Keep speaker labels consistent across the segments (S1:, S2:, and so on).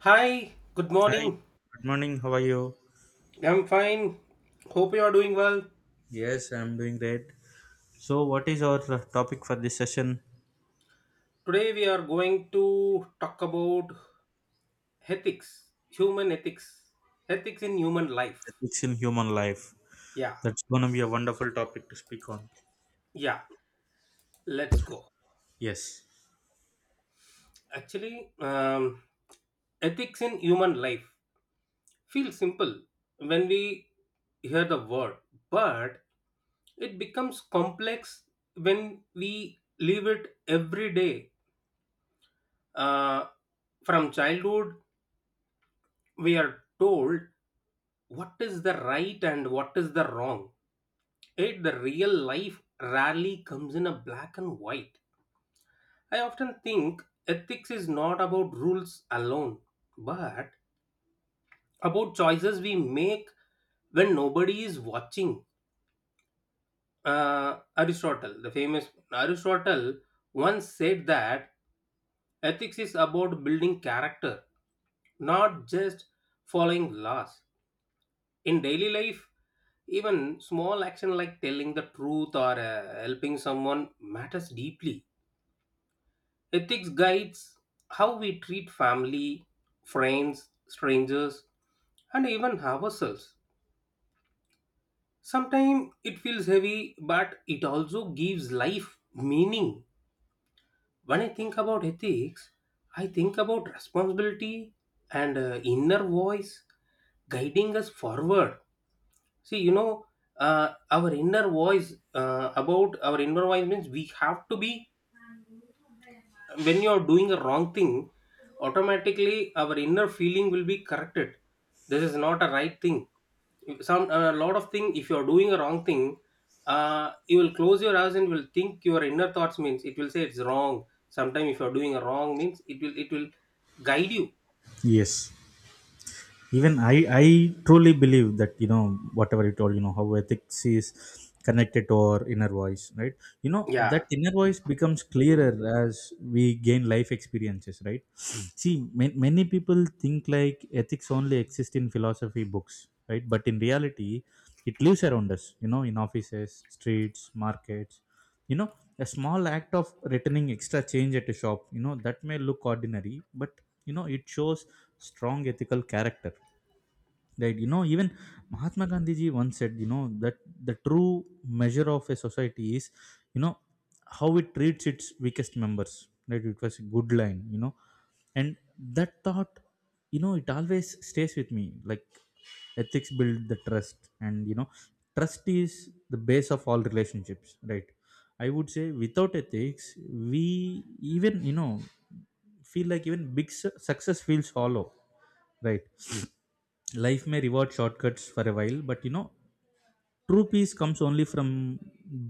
S1: Hi, good
S2: Hi,
S1: morning.
S2: good morning. How are you?
S1: I'm fine. Hope you are doing well.
S2: Yes, I'm doing great. So, what is our topic for this session?
S1: Today we are going to talk about ethics, human ethics, ethics in human life.
S2: Ethics in human life.
S1: Yeah,
S2: That's going to be a wonderful topic to speak on.
S1: yeah, let's go.
S2: Yes.
S1: Actually, um, ethics in human life feels simple when we hear the word, but it becomes complex when we live it every day. Uh, from childhood, we are told what is the right and what is the wrong. It, the real life rarely comes in a black and white. I often think ethics is not about rules alone, but about choices we make when nobody is watching. Aristotle, the famous Aristotle, once said that ethics is about building character, not just following laws. In daily life, even small action like telling the truth or helping someone matters deeply. Ethics guides how we treat family, friends, strangers, and even ourselves. Sometimes it feels heavy, but it also gives life meaning. When I think about ethics, I think about responsibility and inner voice guiding us forward. See, our inner voice about our inner voice means we have to be when you are doing a wrong thing, automatically our inner feeling will be corrected. This is not a right thing. Some a lot of thing. If you are doing a wrong thing, you will close your eyes and will think your inner thoughts means it will say it's wrong. Sometimes if you are doing a wrong means it will guide you.
S2: Yes. Even I truly believe that, you know, whatever you told, you know, how ethics is connected to our inner voice, right? You know, that
S1: Yeah.
S2: inner voice becomes clearer as we gain life experiences, right? Mm. See, many people think like ethics only exist in philosophy books, right? But in reality, it lives around us, you know, in offices, streets, markets, you know, a small act of returning extra change at a shop, you know, that may look ordinary, but you know it shows strong ethical character. Right, you know, even Mahatma Gandhi ji once said, you know, that the true measure of a society is, you know, how it treats its weakest members. Right, it was a good line, you know, and that thought, you know, it always stays with me. Like, ethics build the trust, and you know, trust is the base of all relationships. Right, I would say without ethics, we even, you know, feel like even big success feels hollow. Right, life may reward shortcuts for a while, but you know, true peace comes only from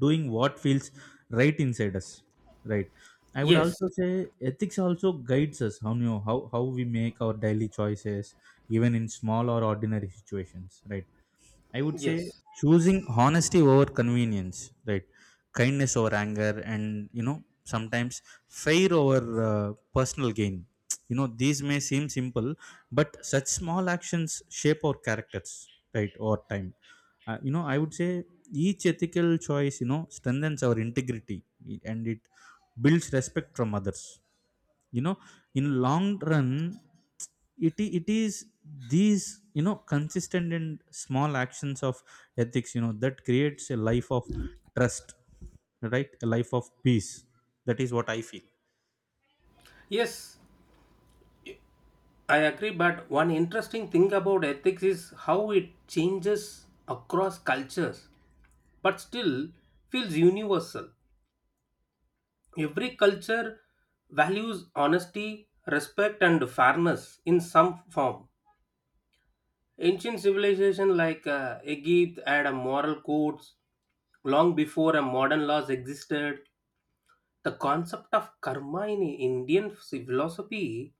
S2: doing what feels right inside us, right? I would
S1: Yes.
S2: also say ethics also guides us how, you know, how we make our daily choices even in small or ordinary situations, right? I would say
S1: Yes.
S2: choosing honesty over convenience, right, kindness over anger, and you know, sometimes fair over personal gain. You know, these may seem simple, but such small actions shape our characters, right, over time. You know, I would say each ethical choice, you know, strengthens our integrity, and it builds respect from others, you know, in long run. It is these, you know, consistent and small actions of ethics, you know, that creates a life of trust, right? A life of peace. That is what I feel.
S1: Yes. I agree, but one interesting thing about ethics is how it changes across cultures, but still feels universal. Every culture values honesty, respect, and fairness in some form. Ancient civilizations like Egypt had a moral codes long before a modern laws existed. The concept of karma in Indian philosophy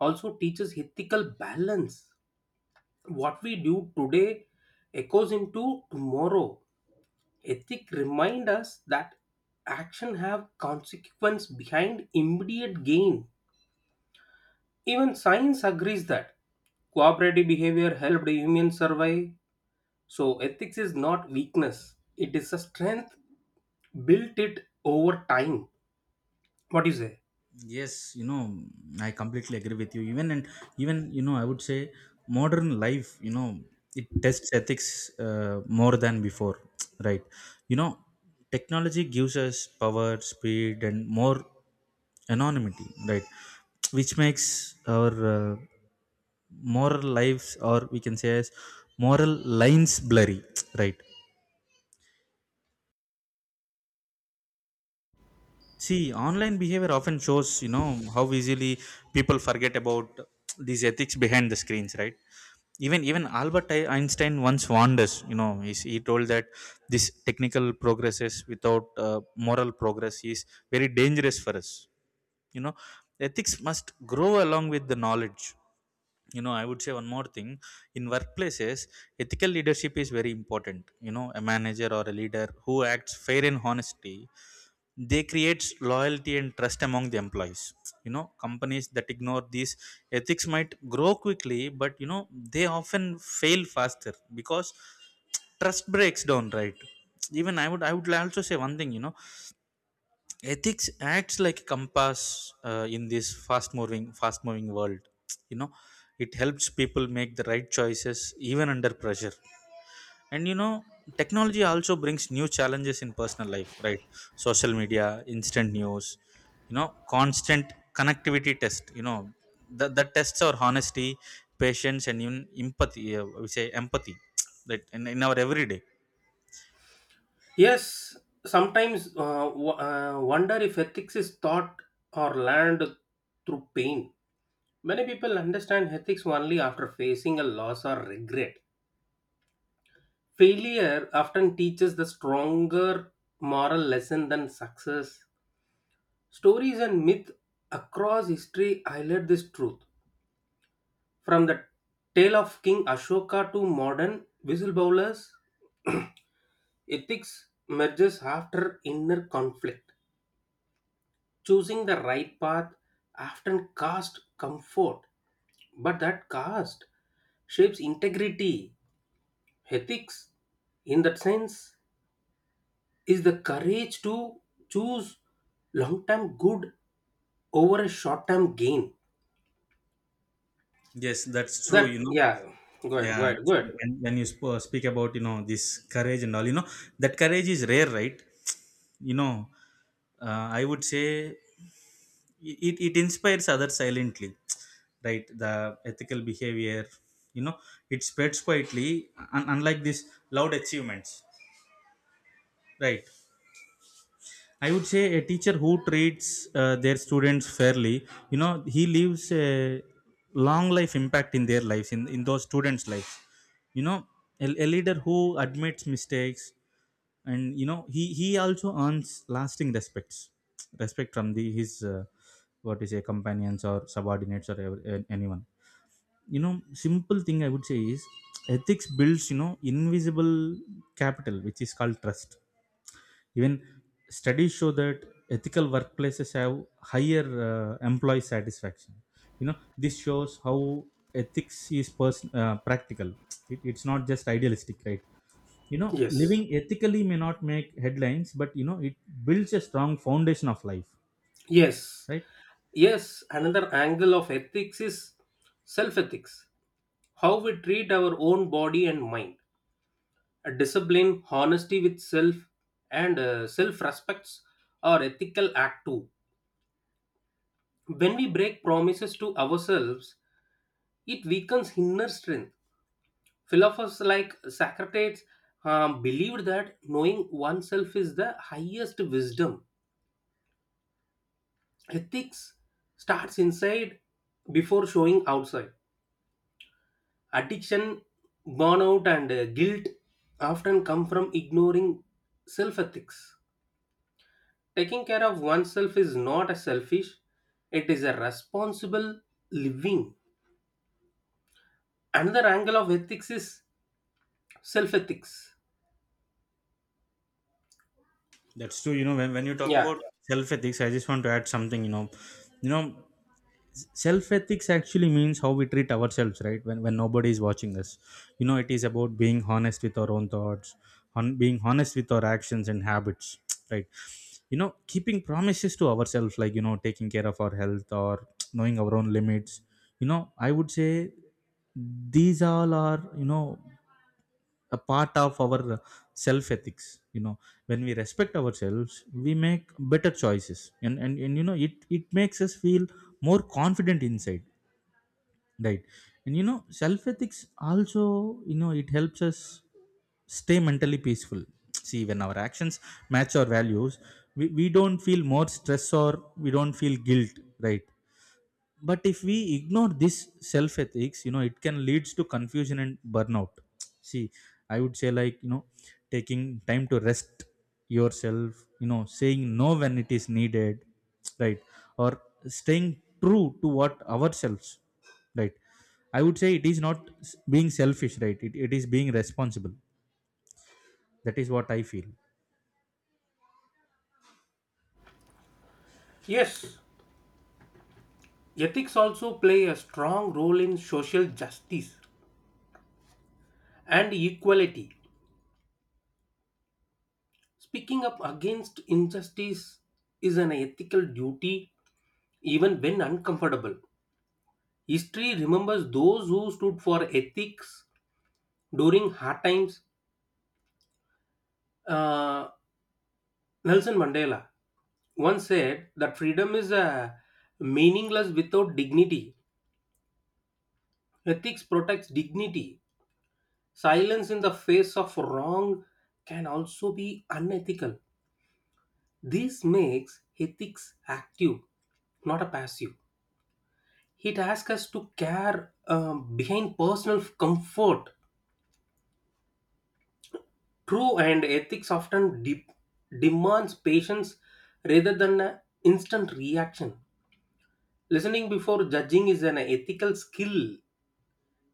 S1: also teaches ethical balance. What we do today echoes into tomorrow. Ethic remind us that action have consequence behind immediate gain. Even science agrees that cooperative behavior helped humans survive. So ethics is not weakness, it is a strength built it over time. What do you say?
S2: Yes, you know, I completely agree with you. Even, and even, you know, I would say modern life, you know, it tests ethics more than before, right? You know, technology gives us power, speed, and more anonymity, right? Which makes our moral lives, or we can say as moral lines, blurry, right? See, online behavior often shows, you know, how easily people forget about these ethics behind the screens, right? Even Albert Einstein once warned us, you know, he told that this technical progresses without moral progress is very dangerous for us. You know, ethics must grow along with the knowledge. You know, I would say one more thing. In workplaces, ethical leadership is very important. You know, a manager or a leader who acts fair and honestly, they creates loyalty and trust among the employees. You know, companies that ignore these ethics might grow quickly, but you know, they often fail faster because trust breaks down, right? Even I would also say one thing, you know, ethics acts like a compass in this fast moving world. You know, it helps people make the right choices even under pressure. And you know, technology also brings new challenges in personal life, right? Social media, instant news, you know, constant connectivity test, you know, the tests are honesty, patience, and even empathy, we say empathy, right, in our everyday.
S1: Yes, sometimes wonder if ethics is taught or learned through pain. Many people understand ethics only after facing a loss or regret. Failure often teaches the stronger moral lesson than success. Stories and myth across history highlight this truth. From the tale of King Ashoka to modern whistleblowers, ethics emerges after inner conflict. Choosing the right path often costs comfort, but that cost shapes integrity. Ethics, in that sense, is the courage to choose long term good over a short term gain.
S2: Yes, that's true,
S1: That,
S2: you know.
S1: yeah, go ahead, go
S2: Yeah,
S1: ahead, go ahead.
S2: when you speak about, you know, this courage and all, you know, that courage is rare, right? You know, I would say it, it inspires others silently, right, the ethical behavior, you know, it spreads quietly, unlike these loud achievements, right? I would say a teacher who treats their students fairly, you know, he leaves a long life impact in their lives, in those students' lives. You know, a leader who admits mistakes and, you know, he also earns lasting respects, respect from the his, what is a companions or subordinates or anyone. You know, simple thing I would say is ethics builds, you know, invisible capital, which is called trust. Even studies show that ethical workplaces have higher employee satisfaction. You know, this shows how ethics is person practical. It's not just idealistic, right? You know,
S1: Yes,
S2: living ethically may not make headlines, but you know, it builds a strong foundation of life,
S1: yes,
S2: right?
S1: yes. Another angle of ethics is self ethics, how we treat our own body and mind. A discipline, honesty with self, and self respects are ethical act too. When we break promises to ourselves, it weakens inner strength. Philosophers like Socrates believed that knowing oneself is the highest wisdom. Ethics starts inside before showing outside. Addiction, burnout, and guilt often come from ignoring self ethics. Taking care of oneself is not a selfish, it is a responsible living. Another angle of ethics is self ethics.
S2: That's true. You know, when you talk
S1: Yeah.
S2: about self ethics, I just want to add something. You know, self ethics actually means how we treat ourselves, right, when nobody is watching us. You know, it is about being honest with our own thoughts, on being honest with our actions and habits, right? You know, keeping promises to ourselves, like, you know, taking care of our health, or knowing our own limits. You know, I would say these all are, you know, a part of our self ethics. You know, when we respect ourselves, we make better choices, and and you know, it makes us feel more confident inside, right? And you know, self ethics also, you know, it helps us stay mentally peaceful. See, when our actions match our values, we don't feel more stress, or we don't feel guilt, right? But if we ignore this self ethics, you know, it can leads to confusion and burnout. See, I would say like, you know, taking time to rest yourself, you know, saying no when it is needed, right, or staying true to what ourselves, right. I would say it is not being selfish, right, it is being responsible. That is what I feel.
S1: Yes. Ethics also play a strong role in social justice and equality. Speaking up against injustice is an ethical duty even when uncomfortable. History remembers those who stood for ethics during hard times. Uh, Nelson Mandela once said that freedom is meaningless without dignity. Ethics protects dignity. Silence in the face of wrong can also be unethical. This makes ethics active, not a passive. It asks us to care behind personal comfort. True and ethics often demands patience rather than an instant reaction. Listening before judging is an ethical skill.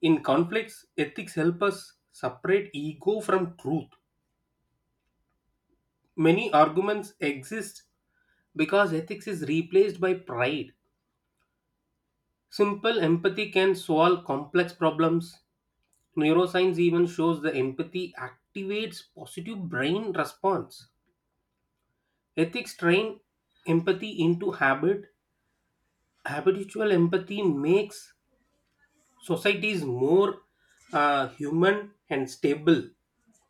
S1: In conflicts, ethics help us separate ego from truth. Many arguments exist because ethics is replaced by pride. Simple empathy can solve complex problems. Neuroscience even shows the empathy activates positive brain response. Ethics train empathy into habit. Habitual empathy makes societies more human and stable.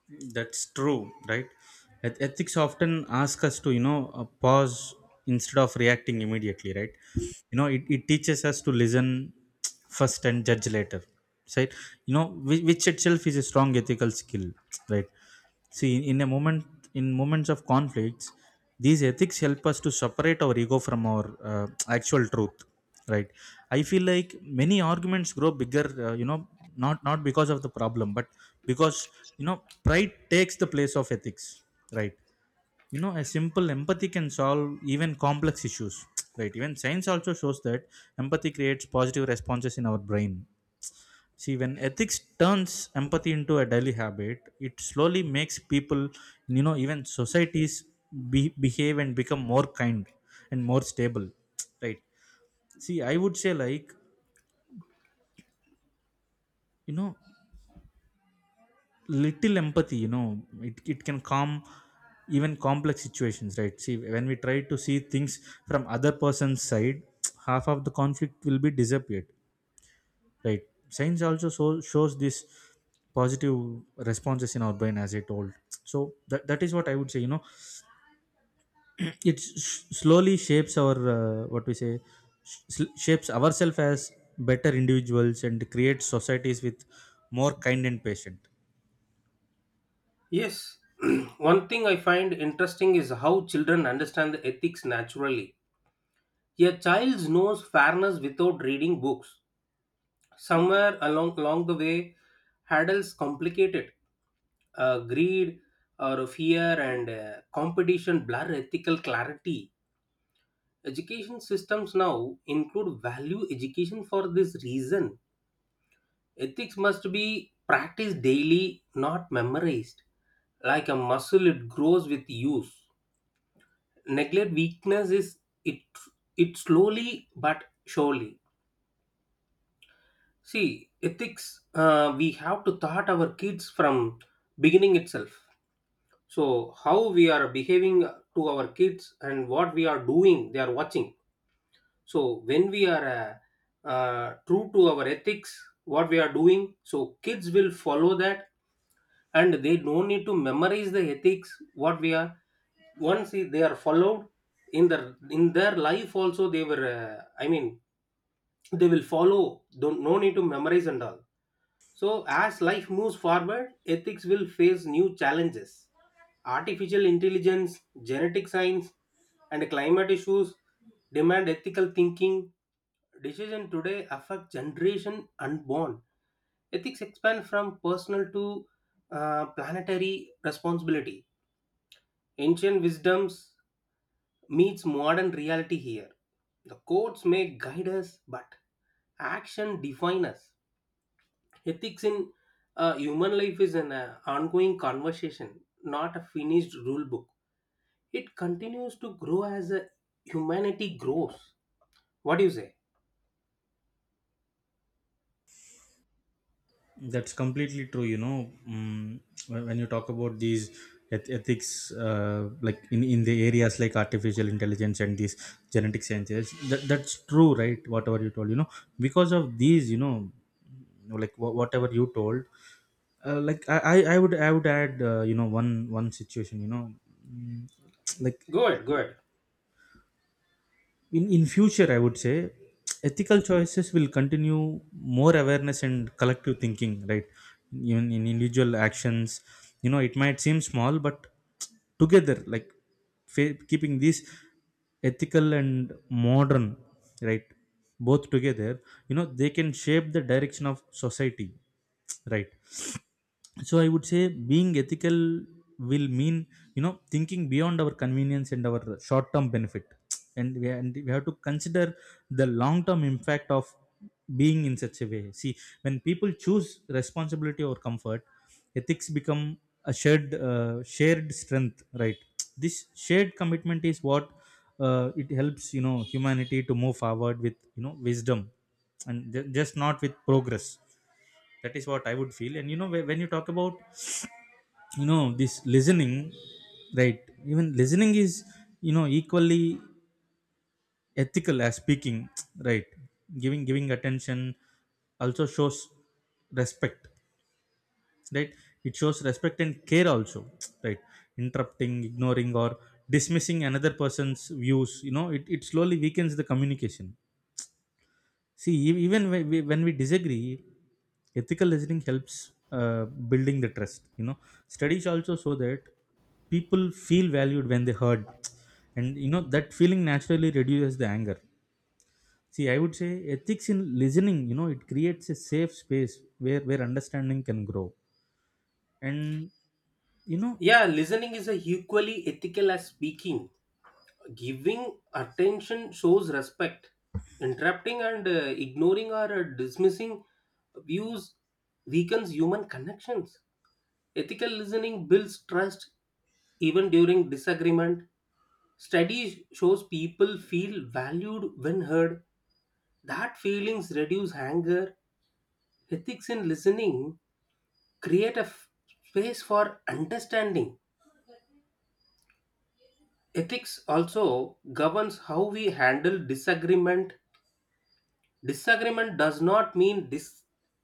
S2: That's true, right? Ethics often ask us to, you know, pause instead of reacting immediately, right? You know, it teaches us to listen first and judge later, right? You know, which itself is a strong ethical skill, right? See, in moments of conflicts, these ethics help us to separate our ego from our uh, actual truth, right? I feel like many arguments grow bigger, you know, not because of the problem, but because, you know, pride takes the place of ethics, right? You know, a simple empathy can solve even complex issues, right? Even science also shows that empathy creates positive responses in our brain. See, when ethics turns empathy into a daily habit, it slowly makes people, you know, even societies behave and become more kind and more stable, right? See, I would say, like, you know, little empathy, you know, it can calm even complex situations, right? See, when we try to see things from other person's side, half of the conflict will be disappeared. Right. Science also shows this positive responses in our brain, as I told. So that is what I would say. You know, it slowly shapes our what we say, shapes ourselves as better individuals and creates societies with more kind and patient.
S1: Yes, one thing I find interesting is how children understand the ethics naturally. A child knows fairness without reading books. Somewhere along the way, adults complicate it. Greed or fear and competition blur ethical clarity. Education systems now include value education for this reason. Ethics must be practiced daily, not memorized. Like a muscle, it grows with use. Neglect weakness is it, it slowly but surely. See, ethics, we have to thought our kids from beginning itself. So how we are behaving to our kids and what we are doing, they are watching. So when we are true to our ethics, what we are doing, so kids will follow that, and they don't need to memorize the ethics what we are. Once they are followed in their life also, they were I mean they will follow, don't no need to memorize and all. So as life moves forward, ethics will face new challenges. Artificial intelligence, genetic science, and climate issues demand ethical thinking. Decisions today affect generation unborn. Ethics expand from personal to planetary responsibility. Ancient wisdoms meets modern reality here. The codes may guide us, but action define us. Ethics in human life is an ongoing conversation, not a finished rule book. It continues to grow as a humanity grows. What do you say?
S2: That's completely true. You know, mm, when you talk about these ethics, like in the areas like artificial intelligence and these genetic sciences, that's true, right? Whatever you told, you know, because of these, you know, like whatever you told, like I would add, you know, one situation, you know, mm, like
S1: Good, good.
S2: in future, I would say ethical choices will continue more awareness and collective thinking, right, even in individual actions. You know, it might seem small, but together, like, keeping these ethical and modern, right, both together, you know, they can shape the direction of society, right? So I would say being ethical will mean, you know, thinking beyond our convenience and our short term benefit, and and we have to consider the long term impact of being in such a way. See, when people choose responsibility or comfort, ethics become a shared strength, right? This shared commitment is what, it helps, you know, humanity to move forward with, you know, wisdom, and just not with progress. That is what I would feel. And you know, when you talk about, you know, this listening, right, even listening is, you know, equally ethical as speaking, right? Giving attention also shows respect, right? It shows respect and care also, right? Interrupting, ignoring, or dismissing another person's views, you know, it slowly weakens the communication. See, even when we disagree, ethical listening helps building the trust. You know, studies also show that people feel valued when they heard, and you know that feeling naturally reduces the anger. See, I would say ethics in listening. You know, it creates a safe space where understanding can grow, and you know
S1: Yeah, listening is a equally ethical as speaking. Giving attention shows respect. Interrupting and ignoring or dismissing views weakens human connections. Ethical listening builds trust even during disagreement. Study shows people feel valued when heard. That feelings reduce anger. Ethics in listening create a space for understanding. Ethics also governs how we handle disagreement. Disagreement does not mean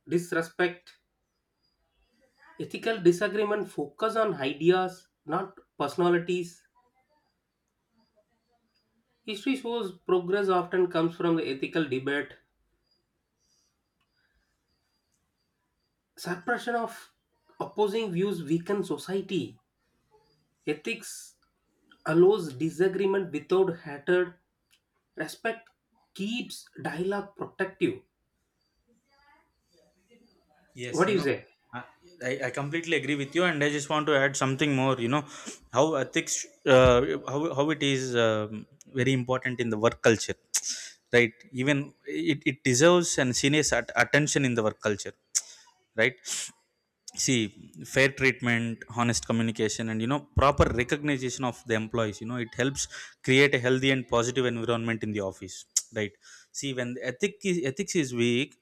S1: disrespect. Ethical disagreement focus on ideas, not personalities. History shows progress often comes from the ethical debate. Suppression of opposing views weakens society. Ethics allows disagreement without hatred. Respect keeps dialogue protective.
S2: Yes,
S1: What do
S2: you
S1: you
S2: know,
S1: say?
S2: I, I completely agree with you, and I just want to add something more. You know, how ethics, how it is very important in the work culture, right? Even it deserves and serious attention in the work culture, right? See, fair treatment, honest communication, and you know, proper recognition of the employees. You know, it helps create a healthy and positive environment in the office, right? See, when ethics is weak,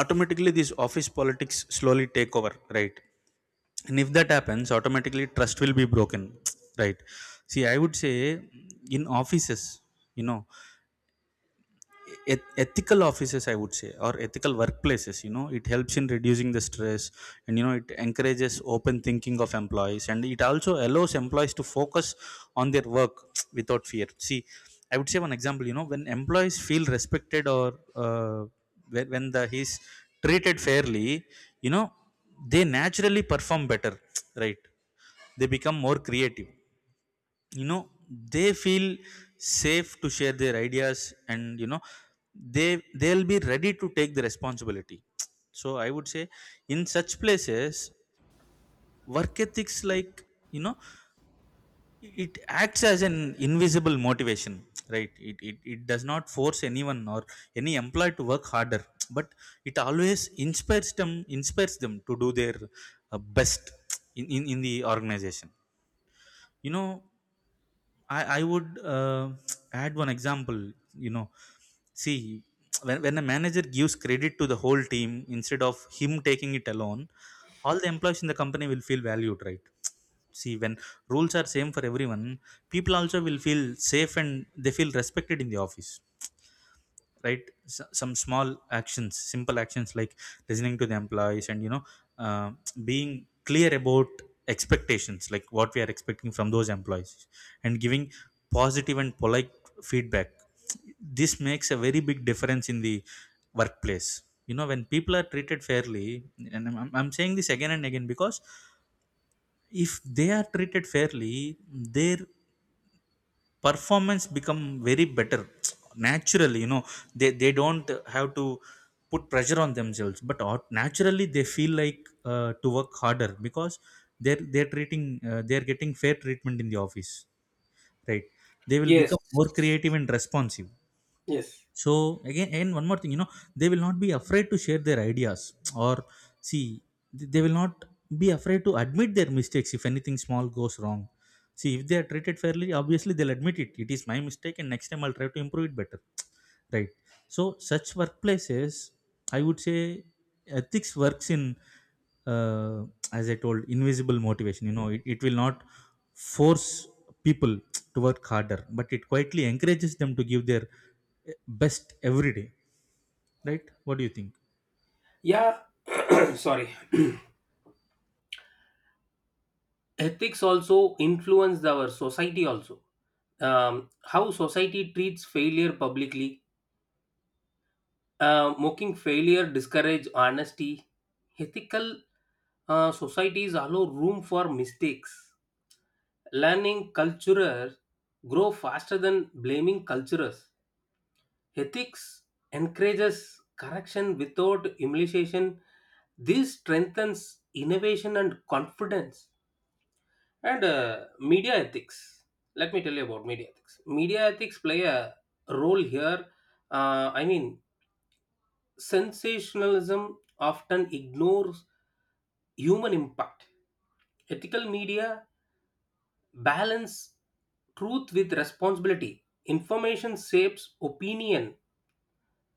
S2: automatically these office politics slowly take over, right. And if that happens, automatically trust will be broken, right. See, I would say in offices, you know ethical offices, I would say, or ethical workplaces, you know, it helps in reducing the stress, and you know, it encourages open thinking of employees, and it also allows employees to focus on their work without fear. See, I would say one example, you know, when employees feel respected, or uh, when the he's treated fairly, you know, they naturally perform better, right. They become more creative, you know, they feel safe to share their ideas, and they'll be ready to take the responsibility. So I would say in such places, work ethics like, you know, it acts as an invisible motivation, right. It does not force anyone or any employee to work harder, but it always inspires them, to do their best in, in the organization, you know. I would add one example. You know, see, when, a manager gives credit to the whole team instead of him taking it alone, all the employees in the company will feel valued, right? See, when rules are same for everyone, people also will feel safe, and they feel respected in the office, right. Some small actions, simple actions like listening to the employees, and uh, being clear about expectations, like what we are expecting from those employees, and giving positive and polite feedback, this makes a very big difference in the workplace, you know, when people are treated fairly. And I'm saying this again and again, because if they are treated fairly, their performance become very better naturally, you know. They don't have to put pressure on themselves, but naturally they feel like to work harder, because they're they're treating they're getting fair treatment in the office, right. They will
S1: Yes.
S2: become more creative and responsive.
S1: Yes.
S2: So again, and one more thing, you know, they will not be afraid to share their ideas, or see, they will not be afraid to admit their mistakes if anything small goes wrong. See, if they are treated fairly, obviously they'll admit it, it is my mistake, and next time I'll try to improve it better, right. So such workplaces, I would say, ethics works in uh, as I told, invisible motivation. You know, it will not force people to work harder, but it quietly encourages them to give their best every day, right? What do you think?
S1: Yeah. Sorry. Ethics also influence our society also. How society treats failure publicly, mocking failure discourage honesty. Ethical societies allow room for mistakes. Learning culture grow faster than blaming cultures. Ethics encourages correction without humiliation. This strengthens innovation and confidence. And media ethics. Let me tell you about media ethics. Media ethics play a role here. Uh, I mean, sensationalism often ignores human impact. Ethical media balance truth with responsibility. Information shapes opinion,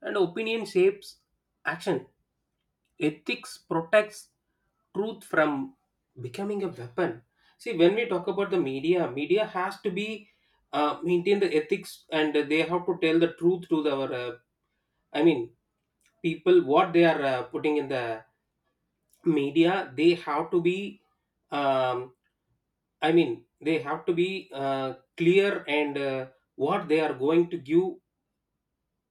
S1: and opinion shapes action. Ethics protects truth from becoming a weapon. See, when we talk about the media, media has to be maintain the ethics, and they have to tell the truth to the, our I mean people what they are putting in the media. They have to be um, I mean they have to be clear and what they are going to give,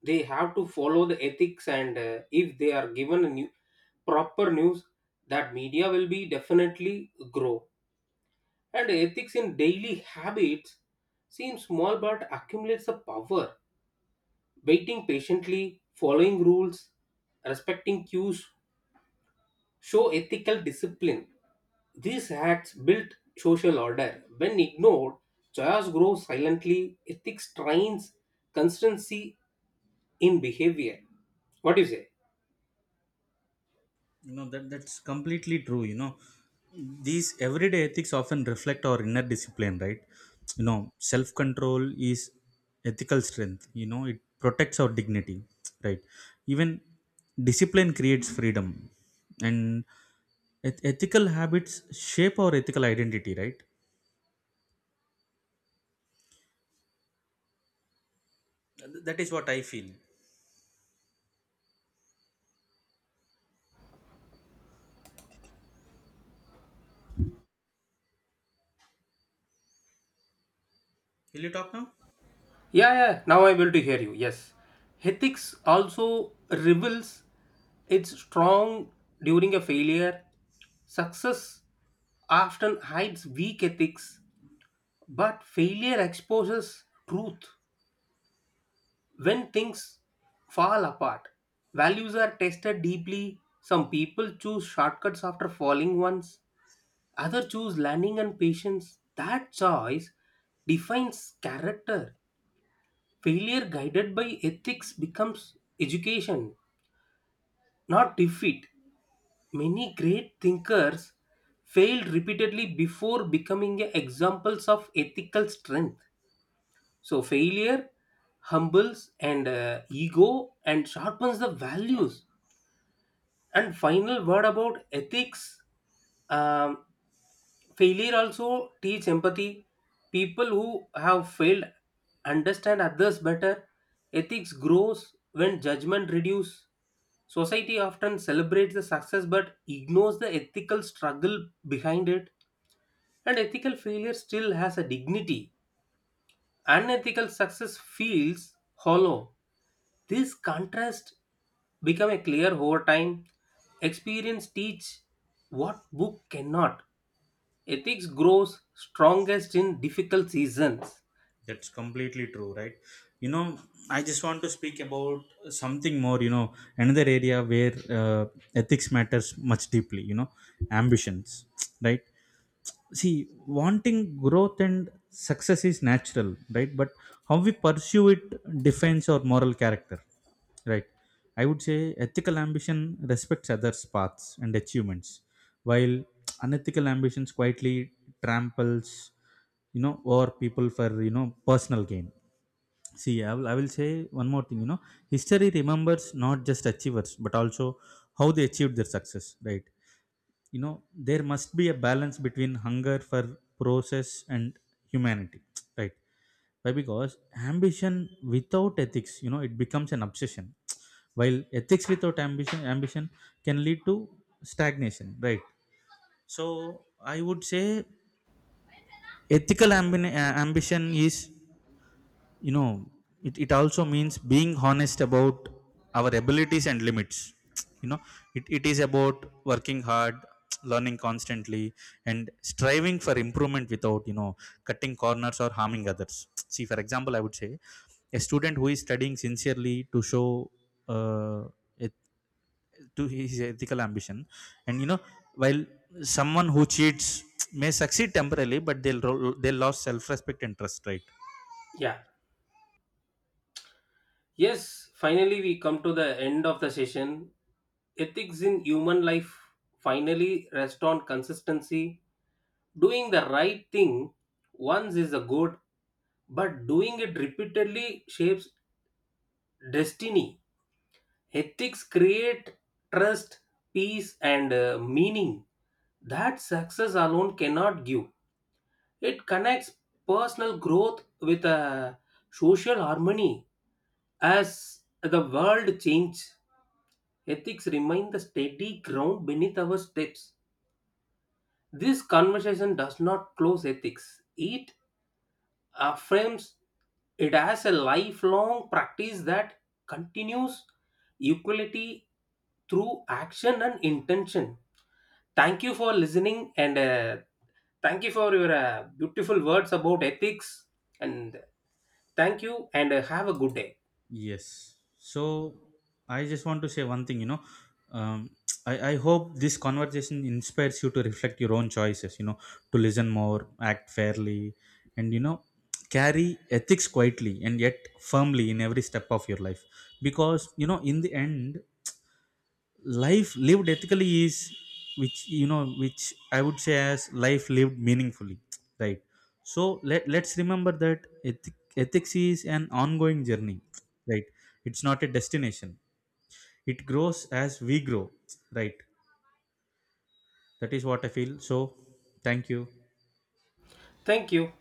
S1: they have to follow the ethics, and if they are given a new proper news, that media will be definitely grow. And ethics in daily habits seem small but accumulates a power. Waiting patiently, following rules, respecting cues show ethical discipline. These acts build social order. When ignored, chaos grows silently. Ethics trains consistency in behavior. What do you say?
S2: That's completely true. You know, these everyday ethics often reflect our inner discipline, right? You know, self control is ethical strength. You know, it protects our dignity, right? Even discipline creates freedom, and ethical habits shape our ethical identity, right? That is what I feel. Will you talk now?
S1: Yeah, yeah, now I'm able to hear you. Yes. Ethics also reveals its strong during a failure. Success often hides weak ethics, but failure exposes truth. When things fall apart, values are tested deeply. Some people choose shortcuts after falling once, others choose learning and patience. That choice defines character. Failure guided by ethics becomes education, not defeat. Many great thinkers failed repeatedly before becoming examples of ethical strength. So, failure humbles and ego and sharpens the values. And final word about ethics. Um, failure also teach empathy. People who have failed understand others better. Ethics grows when judgment reduce. Society often celebrates the success but ignores the ethical struggle behind it. And ethical failure still has a dignity. Unethical success feels hollow. This contrast become a clear over time. Experience teach what book cannot. Ethics grows strongest in difficult seasons.
S2: That's completely true, right? You know, I just want to speak about something more, you know, another area where ethics matters much deeply, you know, ambitions, right? See, wanting growth and success is natural, right? But how we pursue it defines our moral character, right? I would say ethical ambition respects others' paths and achievements, while unethical ambitions quietly tramples, you know, over people for, you know, personal gain. See, I will say one more thing, you know, history remembers not just achievers, but also how they achieved their success, right. You know, there must be a balance between hunger for process and humanity, right. Why? Because ambition without ethics, you know, it becomes an obsession, while ethics without ambition, can lead to stagnation, right. So I would say ethical ambition is, you know, it also means being honest about our abilities and limits. You know, it is about working hard, learning constantly, and striving for improvement without, you know, cutting corners or harming others. See, for example, I would say a student who is studying sincerely to show uh, to his ethical ambition, and you know, while someone who cheats may succeed temporarily, but they'll lose self-respect and trust, right.
S1: Yeah. Yes, finally we come to the end of the session. Ethics in human life finally rest on consistency. Doing the right thing once is a good, but doing it repeatedly shapes destiny. Ethics create trust, peace, and meaning that success alone cannot give. It connects personal growth with a social harmony. As the world changes, ethics remain the steady ground beneath our steps. This conversation does not close ethics. It affirms it as a lifelong practice that continues equality through action and intention. Thank you for listening, and thank you for your beautiful words about ethics, and thank you, and have a good day.
S2: Yes. So I just want to say one thing, you know. Um, I hope this conversation inspires you to reflect your own choices, you know, to listen more, act fairly, and, you know, carry ethics quietly and yet firmly in every step of your life. Because, you know, in the end, life lived ethically is, which you know, which I would say as life lived meaningfully, right. So let's remember that ethics is an ongoing journey, right. It's not a destination. It grows as we grow, right. That is what I feel. So thank you.
S1: Thank you.